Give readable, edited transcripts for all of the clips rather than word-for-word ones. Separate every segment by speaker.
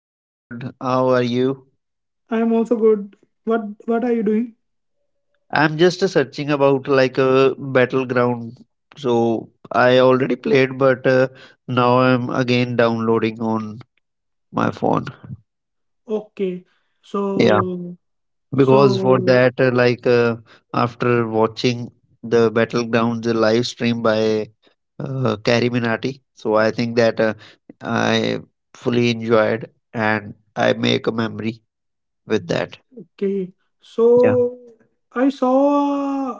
Speaker 1: I'm good. How are you?
Speaker 2: I am also good. What are you doing?
Speaker 1: I'm just searching about like a battleground. So I already played, but now I'm again downloading on my phone.
Speaker 2: Okay.
Speaker 1: Yeah,
Speaker 2: So
Speaker 1: because for
Speaker 2: so
Speaker 1: that, after watching the battlegrounds live stream by Carrie Minati, so I think that I fully enjoyed and I make a memory with that.
Speaker 2: okay.
Speaker 1: Yeah.
Speaker 2: So I saw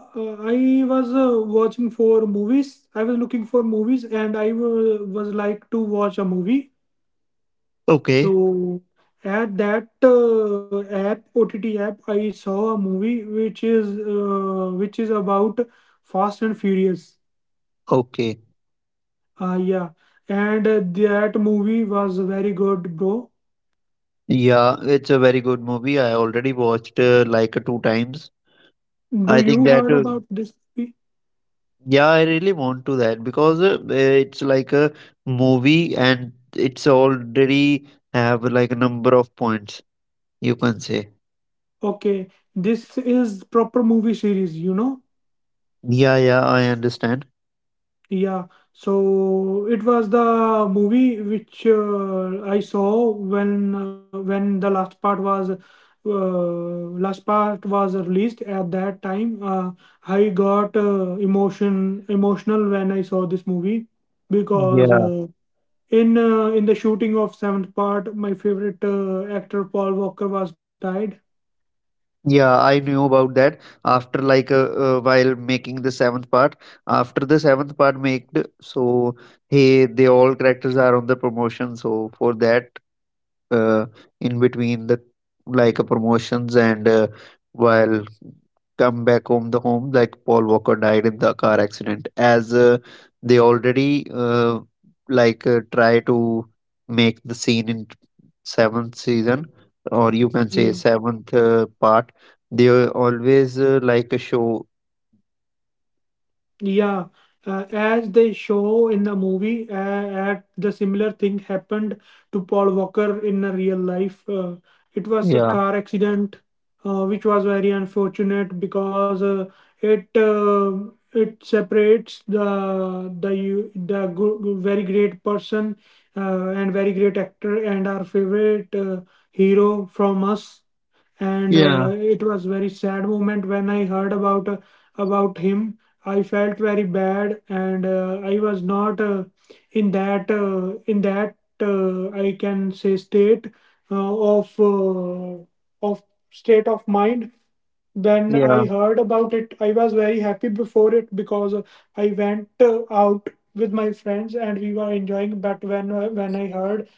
Speaker 2: I was watching for movies. I was looking for movies and I was like to watch a movie.
Speaker 1: Okay.
Speaker 2: So at that app OTT app I saw a movie which is about Fast and Furious.
Speaker 1: Okay.
Speaker 2: Yeah. And that movie was very good, bro.
Speaker 1: Yeah, it's a very good movie. I already watched two times. I
Speaker 2: Do
Speaker 1: think
Speaker 2: you
Speaker 1: that
Speaker 2: heard about this movie?
Speaker 1: yeah, I really want to that because it's like a movie and it's already have like a number of points you can say.
Speaker 2: Okay, this is proper movie series, you know?
Speaker 1: Yeah, yeah, I understand.
Speaker 2: Yeah, so it was the movie which I saw when the last part was released at that time. I got emotional when I saw this movie because
Speaker 1: Yeah,
Speaker 2: in the shooting of seventh part, my favorite actor Paul Walker was died.
Speaker 1: yeah, I knew about that after while making the seventh part. After the seventh part made, so hey, they all characters are on the promotion. So for that. uh, in between the promotions and while come back home the home like Paul Walker died in the car accident as they already try to make the scene in seventh season or you can say seventh part they are always like a show.
Speaker 2: Yeah, as they show in the movie, at the similar thing happened to Paul Walker in a real life. It was a
Speaker 1: Yeah,
Speaker 2: car accident, which was very unfortunate because it uh, it separates the very great person and very great actor and our favorite hero from us and
Speaker 1: yeah,
Speaker 2: it was very sad moment when I heard about him. I felt very bad, and I was not in that I can say state uh, of uh, of state of mind when
Speaker 1: yeah,
Speaker 2: I heard about it. I was very happy before it because I went out with my friends and we were enjoying, but when I heard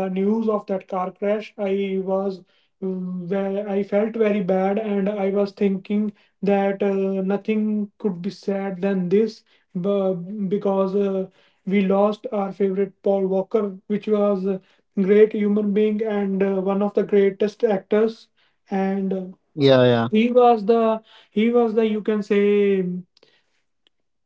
Speaker 2: the news of that car crash I was I felt very bad and I was thinking that nothing could be sad than this bu- because we lost our favorite Paul Walker, which was a great human being and one of the greatest actors and
Speaker 1: yeah, yeah,
Speaker 2: he was the he was the you can say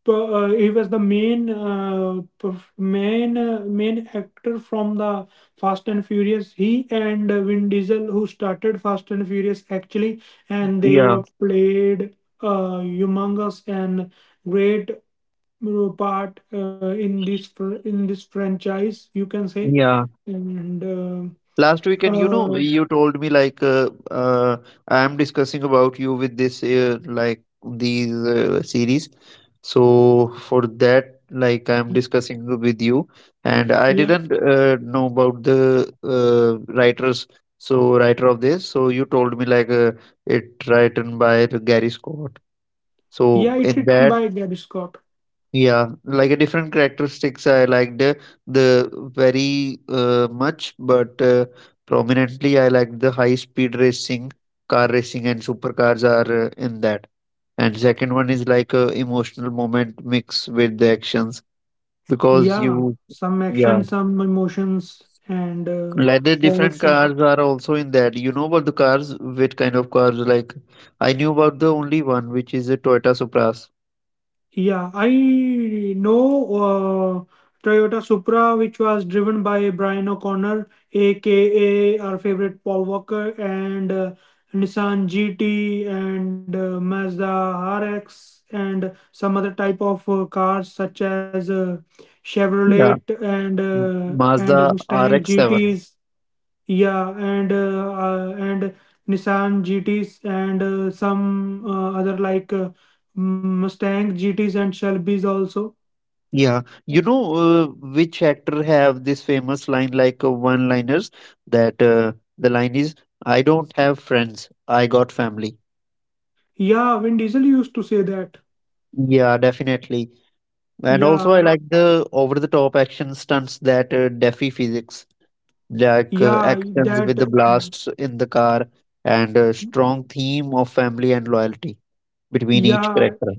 Speaker 2: he was the main main actor from the Fast and Furious. He and Vin Diesel who started Fast and Furious actually, and they
Speaker 1: yeah,
Speaker 2: were played humongous and great part in this franchise. You can say.
Speaker 1: yeah.
Speaker 2: And
Speaker 1: Last
Speaker 2: uh,
Speaker 1: weekend, you know,
Speaker 2: uh,
Speaker 1: you told me like I am discussing about you with this like these series. So for that, like I am discussing with you, and I
Speaker 2: yeah
Speaker 1: didn't know about the writers. So writer of this, so you told me like it written by the Gary Scott. So
Speaker 2: yeah, it's
Speaker 1: in
Speaker 2: written
Speaker 1: that,
Speaker 2: by Gary Scott.
Speaker 1: yeah, like a different characteristics I liked the very much, but prominently I liked the high speed racing, car racing, and supercars are in that. And second one is like a emotional moment mixed with the actions because
Speaker 2: Yeah,
Speaker 1: you,
Speaker 2: some
Speaker 1: yeah,
Speaker 2: action, some emotions, and
Speaker 1: like the different
Speaker 2: also,
Speaker 1: cars are also in that. You know about the cars, which kind of cars? Like I knew about the only one, which is a Toyota Supras.
Speaker 2: yeah, I know Toyota Supra, which was driven by Brian O'Connor, aka our favorite Paul Walker, and Nissan GT, and Mazda RX, and some other type of cars such as Chevrolet
Speaker 1: Yeah,
Speaker 2: and and
Speaker 1: Mazda
Speaker 2: Mustang
Speaker 1: RX-7.
Speaker 2: GTs. Yeah, and Nissan GTs and some other like Mustang GTs and Shelby's also.
Speaker 1: Yeah, you know, which actor have this famous line like one-liners that the line is, I don't have friends, I got family.
Speaker 2: Yeah, Vin Diesel used to say that.
Speaker 1: Yeah, definitely. And also, I
Speaker 2: Yeah,
Speaker 1: like the over-the-top action stunts that defy physics, like
Speaker 2: yeah,
Speaker 1: actions with the
Speaker 2: that.
Speaker 1: blasts in the car and a strong theme of family and loyalty between each
Speaker 2: Yeah.
Speaker 1: character.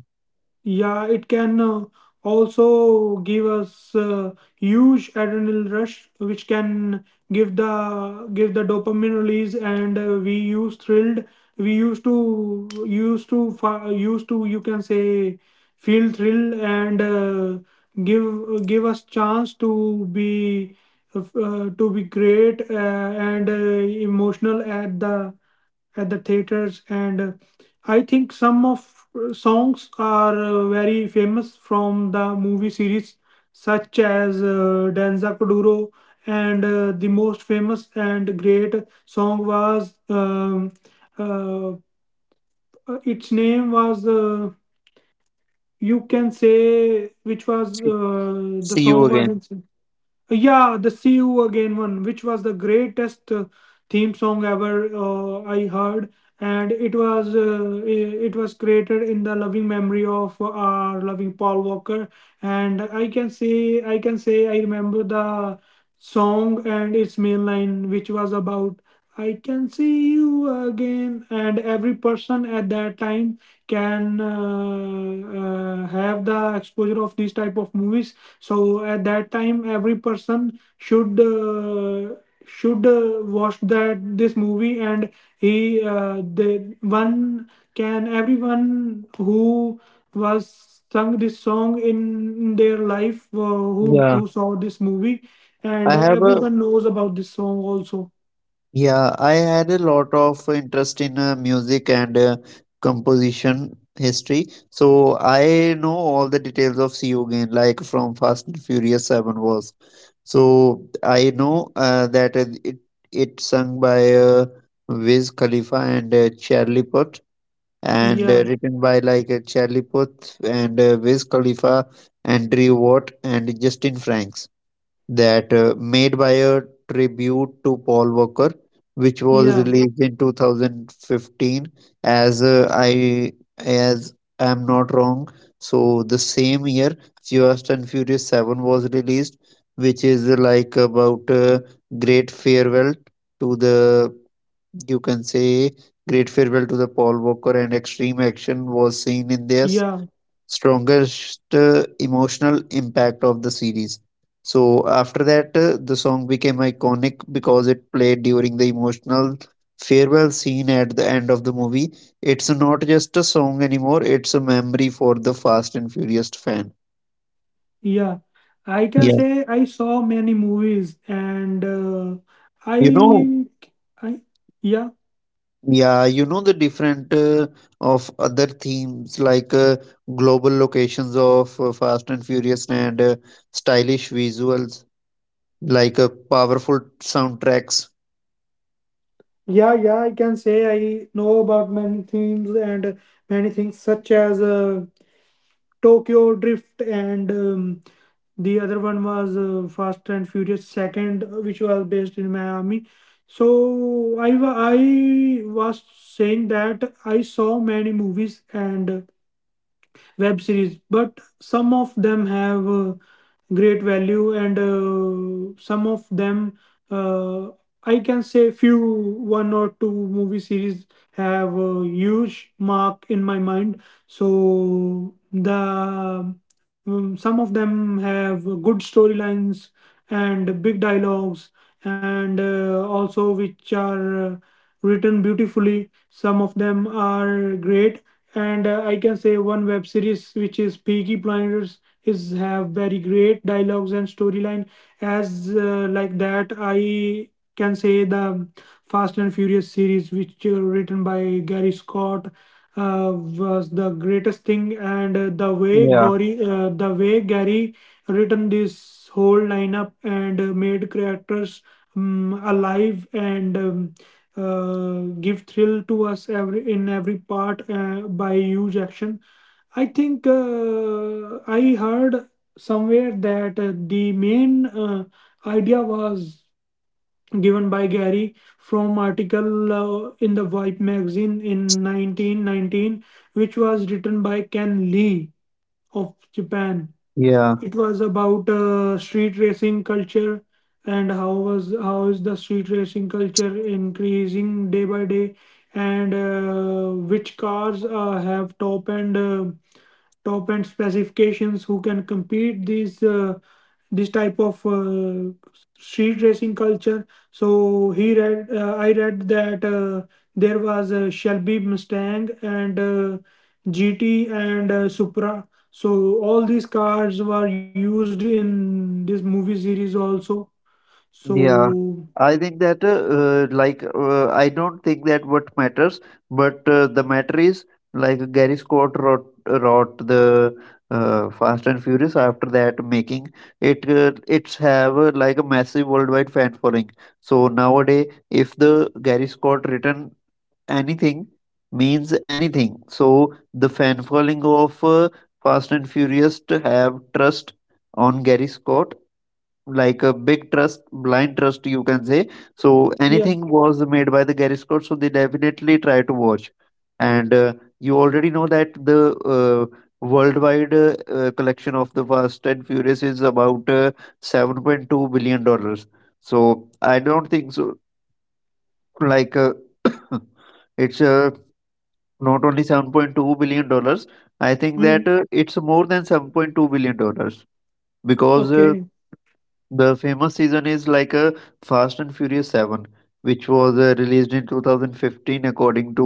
Speaker 2: Yeah, it can also give us huge adrenal rush, which can give the dopamine release, and we use thrilled. We used to you can say feel thrilled and give us chance to be great and emotional at the theaters and I think some of songs are very famous from the movie series, such as Danza Kuduro and the most famous and great song was uh, its name was you can say, which was the
Speaker 1: See you
Speaker 2: song was
Speaker 1: again.
Speaker 2: in yeah, the See You Again one, which was the greatest theme song ever I heard, and it was it was created in the loving memory of our loving Paul Walker, and I can say I remember the song and its main line, which was about I Can See You Again, and every person at that time can have the exposure of these type of movies. So at that time every person should watch that this movie and he the one can everyone who was sung this song in their life,
Speaker 1: Yeah,
Speaker 2: who saw this movie, and
Speaker 1: I have a
Speaker 2: everyone knows about this song also.
Speaker 1: Yeah, I had a lot of interest in music and composition history. So I know all the details of CEO Gain, like from Fast and Furious 7 was. So I know that it sung by Wiz Khalifa and Charlie Puth and
Speaker 2: yeah
Speaker 1: written by like Charlie Puth and Wiz Khalifa, Andrew Watt and Justin Franks that made by a tribute to Paul Walker, which was
Speaker 2: yeah
Speaker 1: released in 2015. As uh, I as I'm not wrong, so the same year Fast and Furious Seven was released, which is like about great farewell to the you can say great farewell to the Paul Walker, and extreme action was seen in this
Speaker 2: yeah
Speaker 1: strongest emotional impact of the series. So after that, the song became iconic because it played during the emotional farewell scene at the end of the movie. It's not just a song anymore; it's a memory for the Fast and Furious fan.
Speaker 2: yeah I can
Speaker 1: Yeah,
Speaker 2: say I saw many movies and
Speaker 1: you know,
Speaker 2: I I yeah
Speaker 1: yeah, you know the different of other themes like global locations of Fast and Furious and stylish visuals like powerful soundtracks.
Speaker 2: Yeah, yeah, I can say I know about many themes and many things such as Tokyo Drift and the other one was Fast and Furious Second, which was based in Miami. So I was saying that I saw many movies and web series, but some of them have great value and some of them uh, I can say few one or two movie series have a huge mark in my mind. So the some of them have good storylines and big dialogues and also which are written beautifully. Some of them are great and I can say one web series which is Peaky Blinders is have very great dialogues and storyline. As like that I can say the Fast and Furious series which written by Gary Scott uh, was the greatest thing and
Speaker 1: Yeah,
Speaker 2: the way Gary written this whole lineup and made characters alive and give thrill to us every in every part by huge action. I think I heard somewhere that the main idea was given by Gary from article in the Vibe magazine in 1919, which was written by Ken Lee of Japan.
Speaker 1: yeah,
Speaker 2: It was about street racing culture and how is the street racing culture increasing day by day, and which cars have top end specifications who can compete these this type of street racing culture. So he read I read that there was a Shelby Mustang and GT and Supra. So all these cards were used in this movie series also. So
Speaker 1: yeah. I think that I don't think that what matters, but the matter is like Gary Scott wrote the Fast and Furious. After that making it it's have like a massive worldwide fan following. So nowadays, if the Gary Scott written anything means anything, so the fan following of Fast and Furious to have trust on Gary Scott like a big trust, blind trust, you can say. So
Speaker 2: yeah.
Speaker 1: anything was made by the Gary Scott, so they definitely try to watch. And you already know that the worldwide collection of the Fast and Furious is about 7.2 billion dollars. So I don't think so. Like it's not only 7.2 billion dollars. I think
Speaker 2: Mm,
Speaker 1: that it's more than 7.2 billion dollars, because
Speaker 2: okay,
Speaker 1: the famous season is like a Fast and Furious 7, which was released in 2015, according to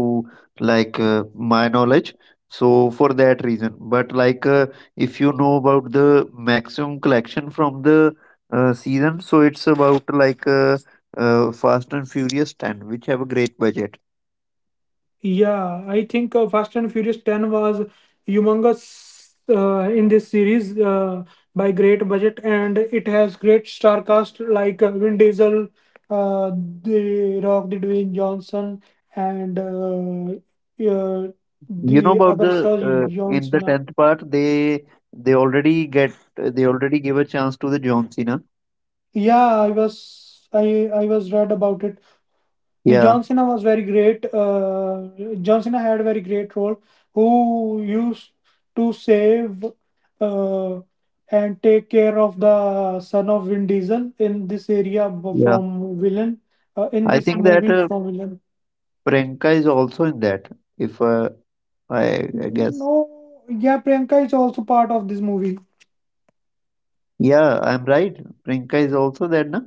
Speaker 1: like my knowledge. So for that reason, but like if you know about the maximum collection from the season, so it's about like Fast and Furious 10, which have a great budget.
Speaker 2: yeah. I think Fast and Furious Ten was humongous in this series by great budget, and it has great star cast like Vin Diesel, uh, The Rock, The Dwayne Johnson, and uh,
Speaker 1: You know
Speaker 2: the
Speaker 1: about
Speaker 2: other
Speaker 1: the
Speaker 2: Sir John
Speaker 1: in the
Speaker 2: Cena.
Speaker 1: 10th part, they already give a chance to the John Cena.
Speaker 2: Yeah, I was read about it. The
Speaker 1: Yeah,
Speaker 2: John Cena was very great. John Cena had a very great role, who used to save uh, and take care of the son of Vin Diesel in this area
Speaker 1: yeah.
Speaker 2: from villain in
Speaker 1: I
Speaker 2: this
Speaker 1: think that
Speaker 2: movie from villain.
Speaker 1: Priyanka is also in that. If I guess,
Speaker 2: No, yeah, Priyanka is also part of this movie.
Speaker 1: yeah, I'm right. Priyanka is also there, na?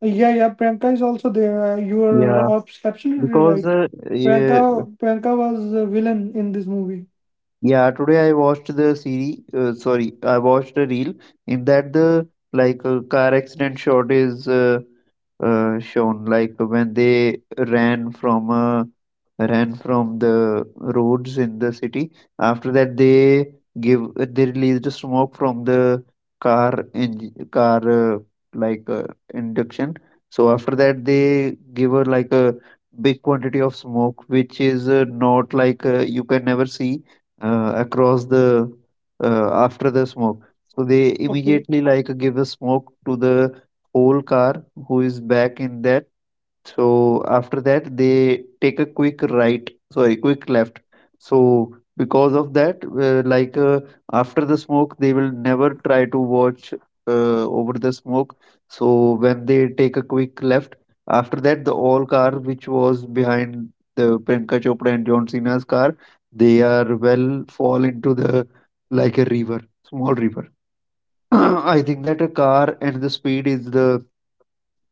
Speaker 2: Yeah, yeah, Priyanka is also there. You
Speaker 1: Yeah,
Speaker 2: are absolutely
Speaker 1: because
Speaker 2: right.
Speaker 1: yeah,
Speaker 2: Priyanka, was a villain in this movie.
Speaker 1: yeah, today I watched the series. Sorry, I watched a reel in that the like a car accident shot is shown, like when they ran from the roads in the city. After that, they released smoke from the car in car like uh, induction. So after that, they give her like a big quantity of smoke, which is not like you can never see across the after the smoke. So they
Speaker 2: Okay.
Speaker 1: immediately like give a smoke to the whole car who is back in that, so after that, they take a quick right, sorry, quick left. So because of that, after the smoke, they will never try to watch over the smoke. So when they take a quick left, after that, the all car which was behind the Priyanka Chopra and John Cena's car, they are well fall into the like a river, small river. I think that a car and the speed is the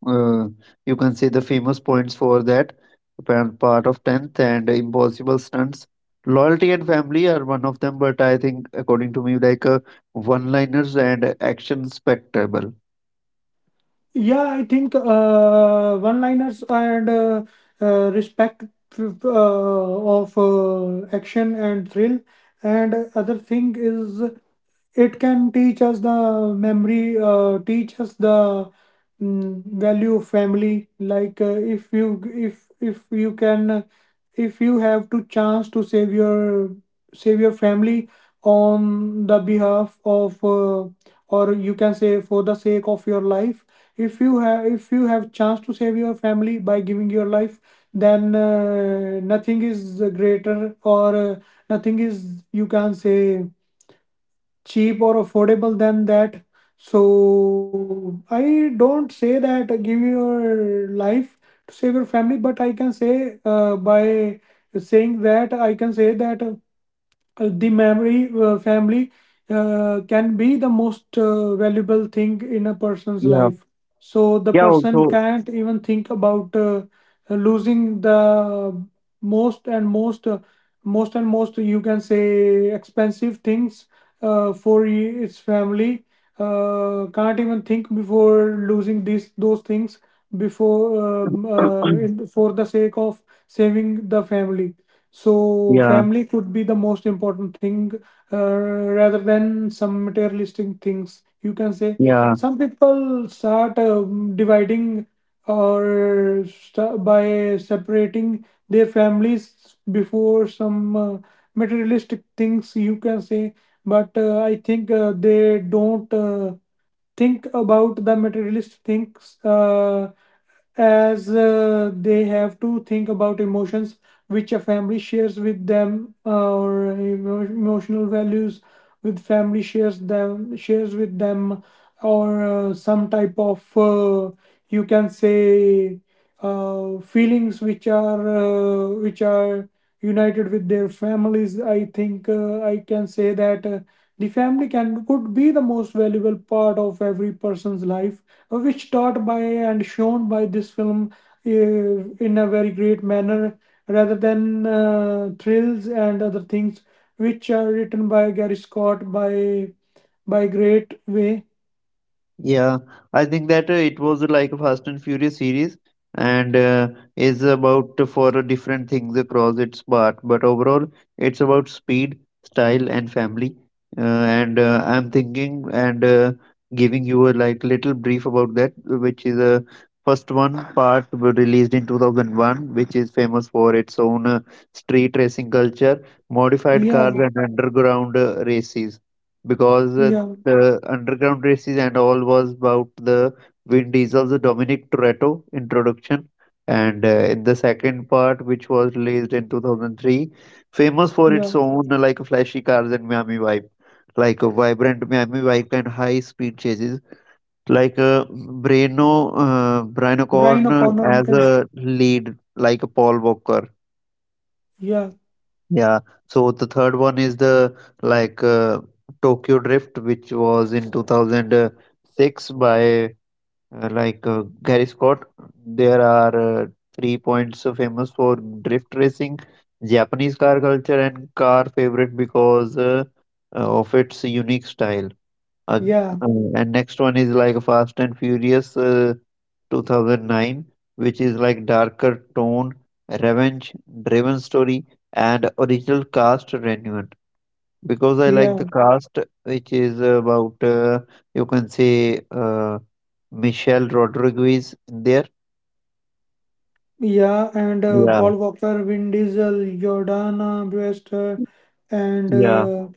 Speaker 1: uh, you can see the famous points for that part of 10th and impossible stunts, loyalty and family are one of them, but I think according to me, like one liners and action spectacle.
Speaker 2: Yeah, I think one-liners and respect of action and thrill. And other thing is it can teach us the value of family. Like if you if you can, if you have to chance to save your family on the behalf of or you can say for the sake of your life, if you have chance to save your family by giving your life, then nothing is greater or nothing is you can say cheap or affordable than that. So I don't say that give your life to save your family, but I can say by saying that I can say that the memory family can be the most valuable thing in a person's
Speaker 1: Yeah,
Speaker 2: life. So the
Speaker 1: yeah,
Speaker 2: person
Speaker 1: also.
Speaker 2: can't even think about losing the most and most uh, most and most you can say expensive things its family can't even think before losing these those things before for the sake of saving the family. So,
Speaker 1: Yeah,
Speaker 2: family could be the most important thing uh, rather than some materialistic things. You can say
Speaker 1: yeah.
Speaker 2: some people start dividing or by separating their families before some materialistic things. You can say, but I think they don't think about the materialist thinks as they have to think about emotions which a family shares with them, emotional values with family shares them shares with them or some type of you can say feelings which are united with their families. I think I can say that the family can could be the most valuable part of every person's life, which taught by and shown by this film uh, in a very great manner, rather than thrills and other things which are written by Gary Scott by great way.
Speaker 1: Yeah, I think that it was like a Fast and Furious series and is about for different things across its part, but overall it's about speed, style, and family. And I'm thinking and giving you a like little brief about that, which is a first one part were released in 2001, which is famous for its own street racing culture, modified cars,
Speaker 2: Yeah,
Speaker 1: and underground races because
Speaker 2: yeah,
Speaker 1: the underground races and all was about the Vin Diesel's Dominic Toretto introduction. And in the second part, which was released in 2003, famous for
Speaker 2: yeah.
Speaker 1: its own like flashy cars and Miami vibe, like a vibrant Miami vibe and high speed chases, like Breno Brian
Speaker 2: Brian
Speaker 1: O'Connor
Speaker 2: O'Connor, you
Speaker 1: as
Speaker 2: can.
Speaker 1: a lead, like a Paul Walker.
Speaker 2: Yeah,
Speaker 1: Yeah. So the third one is the like Tokyo Drift, which was in 2006 by Gary Scott. There are three points famous for drift racing, Japanese car culture, and car favorite because of its unique style. Uh,
Speaker 2: yeah,
Speaker 1: uh, and next one is like Fast and Furious 2009, which is like darker tone, revenge driven story, and original cast renewed. Because I like
Speaker 2: yeah.
Speaker 1: the cast, which is about you can say Michelle Rodriguez in there.
Speaker 2: Yeah, and
Speaker 1: Yeah,
Speaker 2: Paul Walker, Vin Diesel, Jordana Brewster, and
Speaker 1: yeah.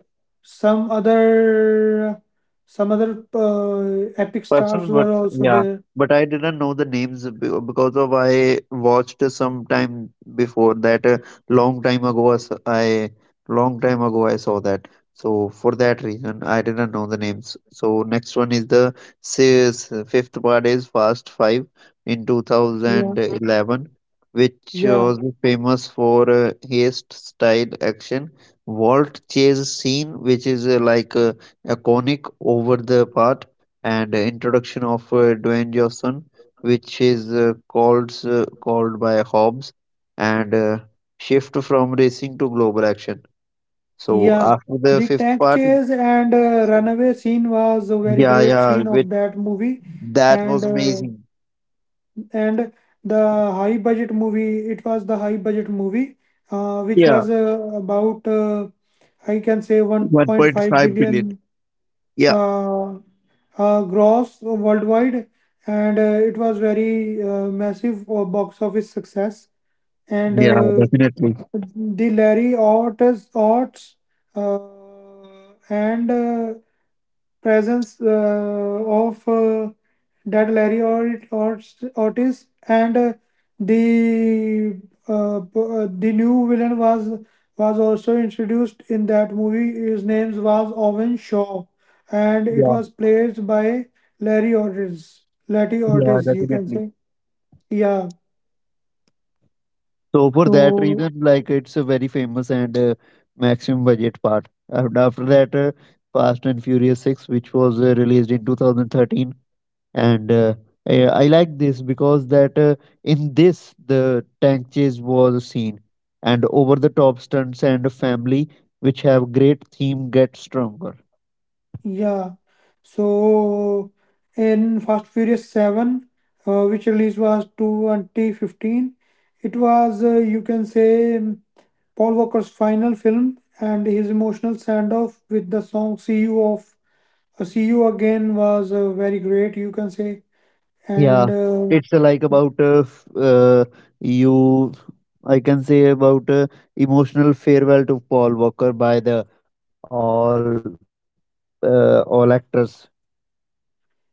Speaker 2: some other some other epic stars
Speaker 1: Person, but
Speaker 2: were also
Speaker 1: yeah,
Speaker 2: there.
Speaker 1: but I didn't know the names because of I watched some time before that. Long time ago, as I long time ago I saw that. So for that reason, I didn't know the names. So next one is the sales fifth part is Fast Five in
Speaker 2: Yeah,
Speaker 1: 2011, which
Speaker 2: yeah,
Speaker 1: was famous for haste style action. Vault chase scene, which is iconic over the part and introduction of Dwayne Johnson, which is called by Hobbs, and shift from racing to global action. So
Speaker 2: yeah.
Speaker 1: after the
Speaker 2: The
Speaker 1: fifth
Speaker 2: tank
Speaker 1: part,
Speaker 2: chase and runaway scene was a very
Speaker 1: yeah,
Speaker 2: great
Speaker 1: yeah,
Speaker 2: scene
Speaker 1: with
Speaker 2: of that movie,
Speaker 1: that
Speaker 2: and
Speaker 1: was
Speaker 2: uh,
Speaker 1: amazing.
Speaker 2: and the high budget movie. It was the high budget movie, which
Speaker 1: Yeah,
Speaker 2: was about I can say
Speaker 1: one point
Speaker 2: 1.5
Speaker 1: five billion.
Speaker 2: billion
Speaker 1: Yeah,
Speaker 2: uh, gross worldwide, and it was very massive box office success. And
Speaker 1: yeah, definitely.
Speaker 2: the Larry Ott's, Ott's and presence of that Ortiz and the the new villain was also introduced in that movie. His name was Owen Shaw, and it
Speaker 1: Yeah,
Speaker 2: was played by Larry Ortiz. Larry
Speaker 1: yeah,
Speaker 2: Ortiz, you can
Speaker 1: definitely.
Speaker 2: say, yeah.
Speaker 1: So for that
Speaker 2: So
Speaker 1: reason, like it's a very famous and maximum budget part. And after that, Fast and Furious Six, which was released in 2013, and I like this because that in this the tank chase was seen, and over the top stunts and family, which have great theme, get stronger.
Speaker 2: Yeah. So in Fast Furious 7, which release was 2015, you can say, Paul Walker's final film and his emotional send-off with the song See You Again was very great, you can say. And
Speaker 1: Yeah, it's you. I can say about emotional farewell to Paul Walker by the all all actors.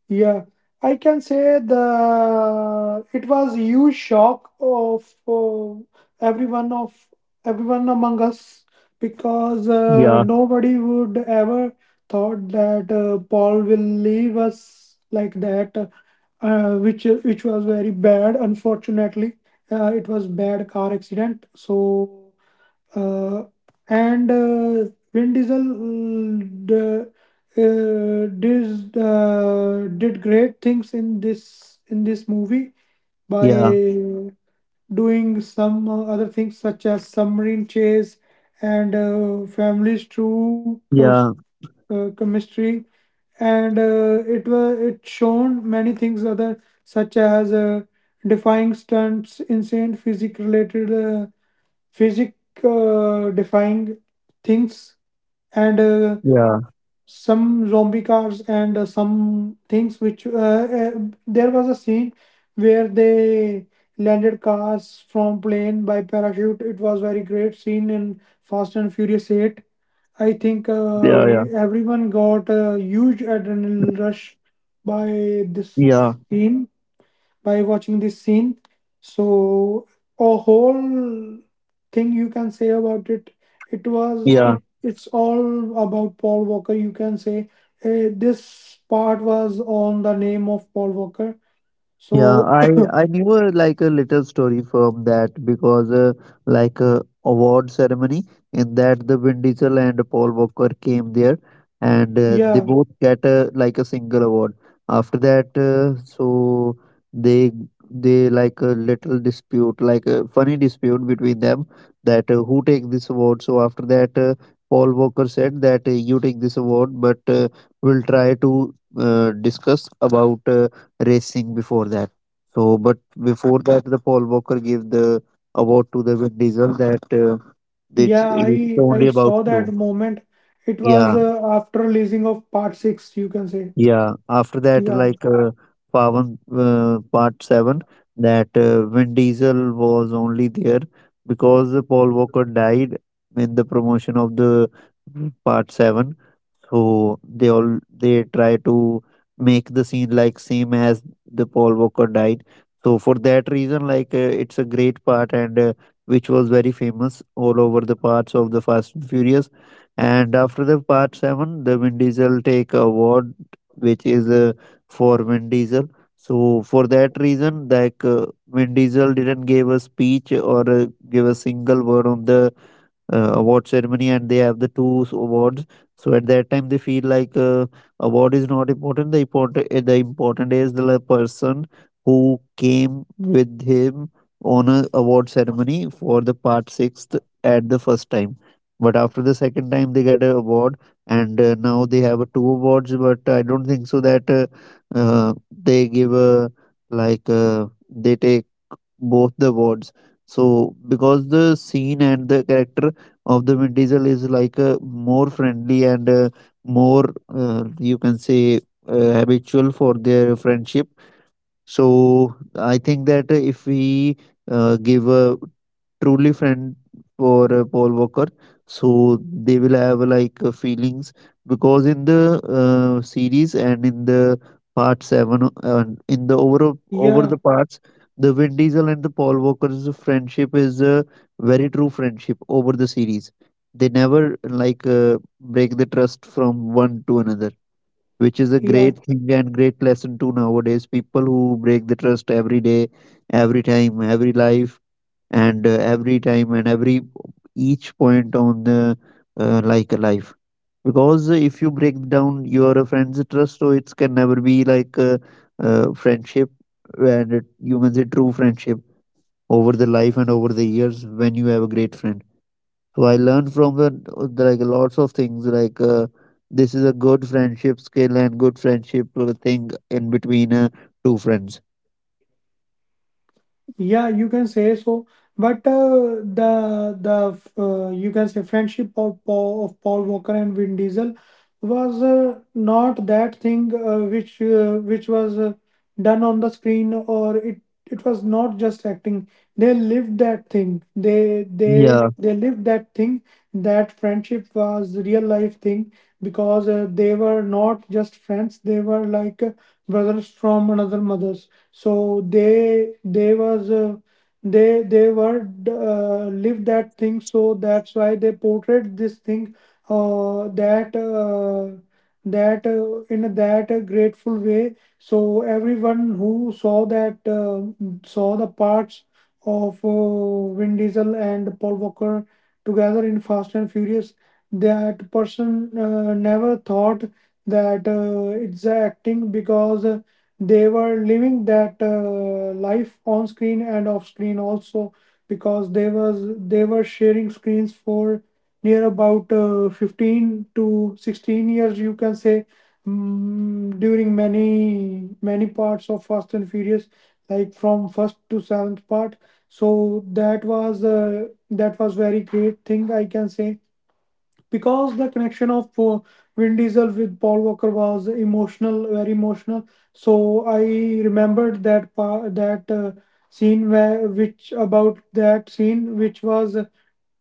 Speaker 2: Yeah, I can say the it was huge shock of everyone of everyone among us because
Speaker 1: Yeah,
Speaker 2: nobody would ever thought that Paul will leave us like that, which was very bad. Unfortunately, it was bad car accident. So uh, and Vin Diesel mm, the, did great things in this movie by
Speaker 1: yeah,
Speaker 2: doing some other things such as submarine chase and
Speaker 1: yeah,
Speaker 2: chemistry, and it shown many things other such as defying stunts, insane physique related physics defying things, and
Speaker 1: yeah,
Speaker 2: some zombie cars and some things which there was a scene where they landed cars from plane by parachute. It was very great scene in Fast and Furious 8. I think
Speaker 1: yeah, yeah,
Speaker 2: everyone got a huge adrenaline rush by this
Speaker 1: yeah,
Speaker 2: scene, by watching this scene. So a whole thing you can say about it. It was
Speaker 1: yeah.
Speaker 2: it. It's all about Paul Walker. You can say this part was on the name of Paul Walker.
Speaker 1: Yeah,
Speaker 2: So
Speaker 1: I knew a, like a little story from that because like a award ceremony in that the Vin Diesel and Paul Walker came there and
Speaker 2: yeah,
Speaker 1: they both get a, like a single award. After that, they they like a little dispute, like a funny dispute between them that who take this award. So after that, Paul Walker said that you take this award, but we'll try to discuss about. Racing before that. So, but before that, the Paul Walker gave the award to the Vin Diesel that it's,
Speaker 2: yeah.
Speaker 1: it's
Speaker 2: I
Speaker 1: only about
Speaker 2: saw
Speaker 1: you.
Speaker 2: that moment. It was
Speaker 1: Yeah,
Speaker 2: after releasing of part six. You can say
Speaker 1: yeah. After that,
Speaker 2: yeah,
Speaker 1: like Pavan Part Seven, that Vin Diesel was only there because Paul Walker died in the promotion of the Part Seven. So they all they try to make the scene like same as the Paul Walker died. So for that reason, like it's a great part and which was very famous all over the parts of the Fast and Furious. And after the part seven, the Vin Diesel take award, which is for Vin Diesel. So for that reason, like Vin Diesel didn't give a speech or give a single word on the award ceremony and they have the awards, so at that time they feel like award is not important, the important is the like, person who came with him on a award ceremony for the part sixth at the first time, but after the second time they get a award and now they have two awards, but I don't think so that uh, they give a like they take both the words. So because the scene and the character of the Vin Diesel is like a more friendly and more you can say habitual for their friendship. So I think that if we give a truly friend for Paul Walker, so they will have like feelings because in the series and in the part seven, in the over
Speaker 2: yeah,
Speaker 1: the parts, the Vin Diesel and the Paul Walker's friendship is a very true friendship over the series. They never like break the trust from one to another, which is a
Speaker 2: yeah.
Speaker 1: great thing and great lesson too nowadays. People who break the trust every day, every time, every life, and every time and every each point on the like a life. Because if you break down your friend's trust, so it can never be like a, friendship, and it, you can say true friendship over the life and over the years when you have a great friend. So I learned from the like lots of things like this is a good friendship skill and good friendship thing in between two friends.
Speaker 2: Yeah, you can say so. But the you can say friendship of Paul Walker and Vin Diesel was not that thing which was done on the screen. Or It was not just acting. They lived that thing. They they
Speaker 1: Yeah,
Speaker 2: they lived that thing. That friendship was real life thing because they were not just friends. They were like brothers from another mother, so they was they were live that thing. So that's why they portrayed this thing that that in a that grateful way. So everyone who saw the parts of Vin Diesel and Paul Walker together in Fast and Furious, that person never thought that it's acting because they were living that life on screen and off screen also because they were sharing screens for near about 15 to 16 years, you can say, during many parts of Fast and Furious, like from first to seventh part. So that was very great thing, I can say, because the connection of Vin Diesel with Paul Walker was emotional, very emotional. So I remembered that pa- that scene where which about that scene which was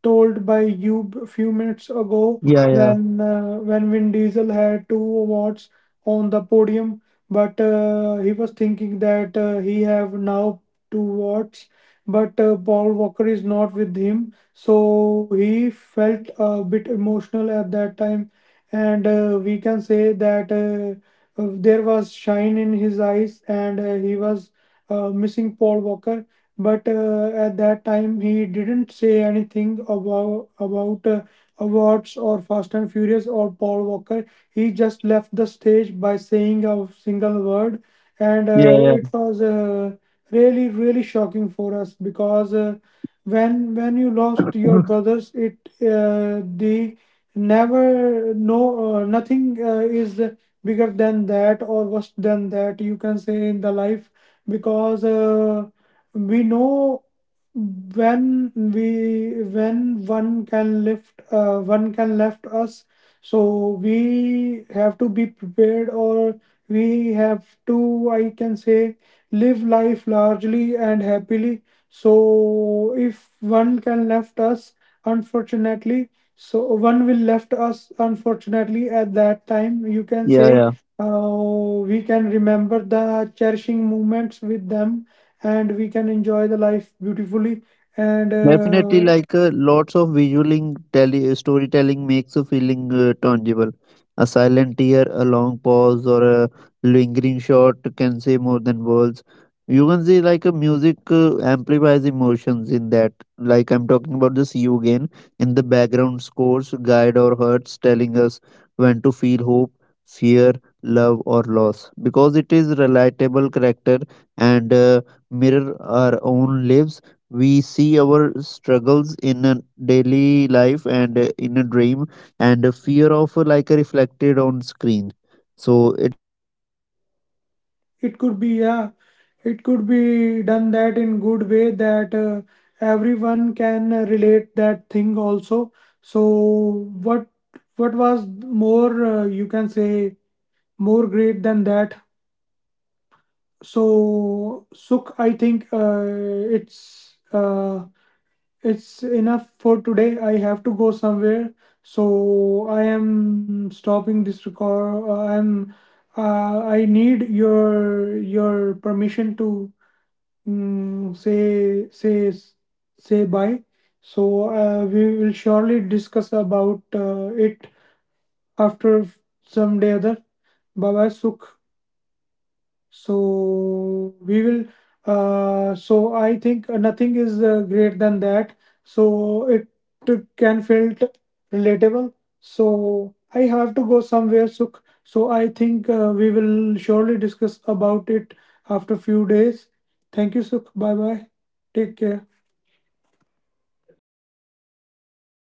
Speaker 2: told by you few minutes ago,
Speaker 1: yeah, yeah,
Speaker 2: when Vin Diesel had two awards on the podium, but he was thinking that he have now two awards, but Paul Walker is not with him, so he felt a bit emotional at that time, and we can say that. There was shine in his eyes, and he was missing Paul Walker, but at that time he didn't say anything about awards or Fast and Furious or Paul Walker. He just left the stage by saying a single word, and
Speaker 1: yeah,
Speaker 2: it was really really shocking for us because when you lost your
Speaker 1: yeah,
Speaker 2: brothers, it the never no nothing is bigger than that or worse than that, you can say, in the life. Because. We know when we when one can lift one can left us, so we have to be prepared, or we have to, I can say, live life largely and happily. So if one can left us unfortunately, so one will left us unfortunately at that time, you can say,
Speaker 1: yeah.
Speaker 2: uh, we can remember the cherishing moments with them, and we can enjoy the life beautifully. And
Speaker 1: Definitely, like lots of storytelling makes a feeling tangible. A silent tear, a long pause, or a lingering shot can say more than words. You can see like a music amplifies emotions in that. Like I'm talking about this you again in the background scores, guide or hurts, telling us when to feel hope, fear, love, or loss. Because it is relatable character and mirror our own lives, we see our struggles in a daily life and in a dream, and a fear of like reflected on screen. So
Speaker 2: it could be Yeah, it could be done that in good way that everyone can relate that thing also. So what what was more you can say more great than that. So Sukh, I think it's uh, it's enough for today. I have to go somewhere, so I am stopping this record. I need your permission to mm, say say say bye. So we will surely discuss about it after some day other. Bye bye, Sukh. So we will. So I think nothing is greater than that. So it t- can feel t- relatable. So I have to go somewhere. So I think we will surely discuss about it after few days. Thank you, Sukh. Bye bye. Take care.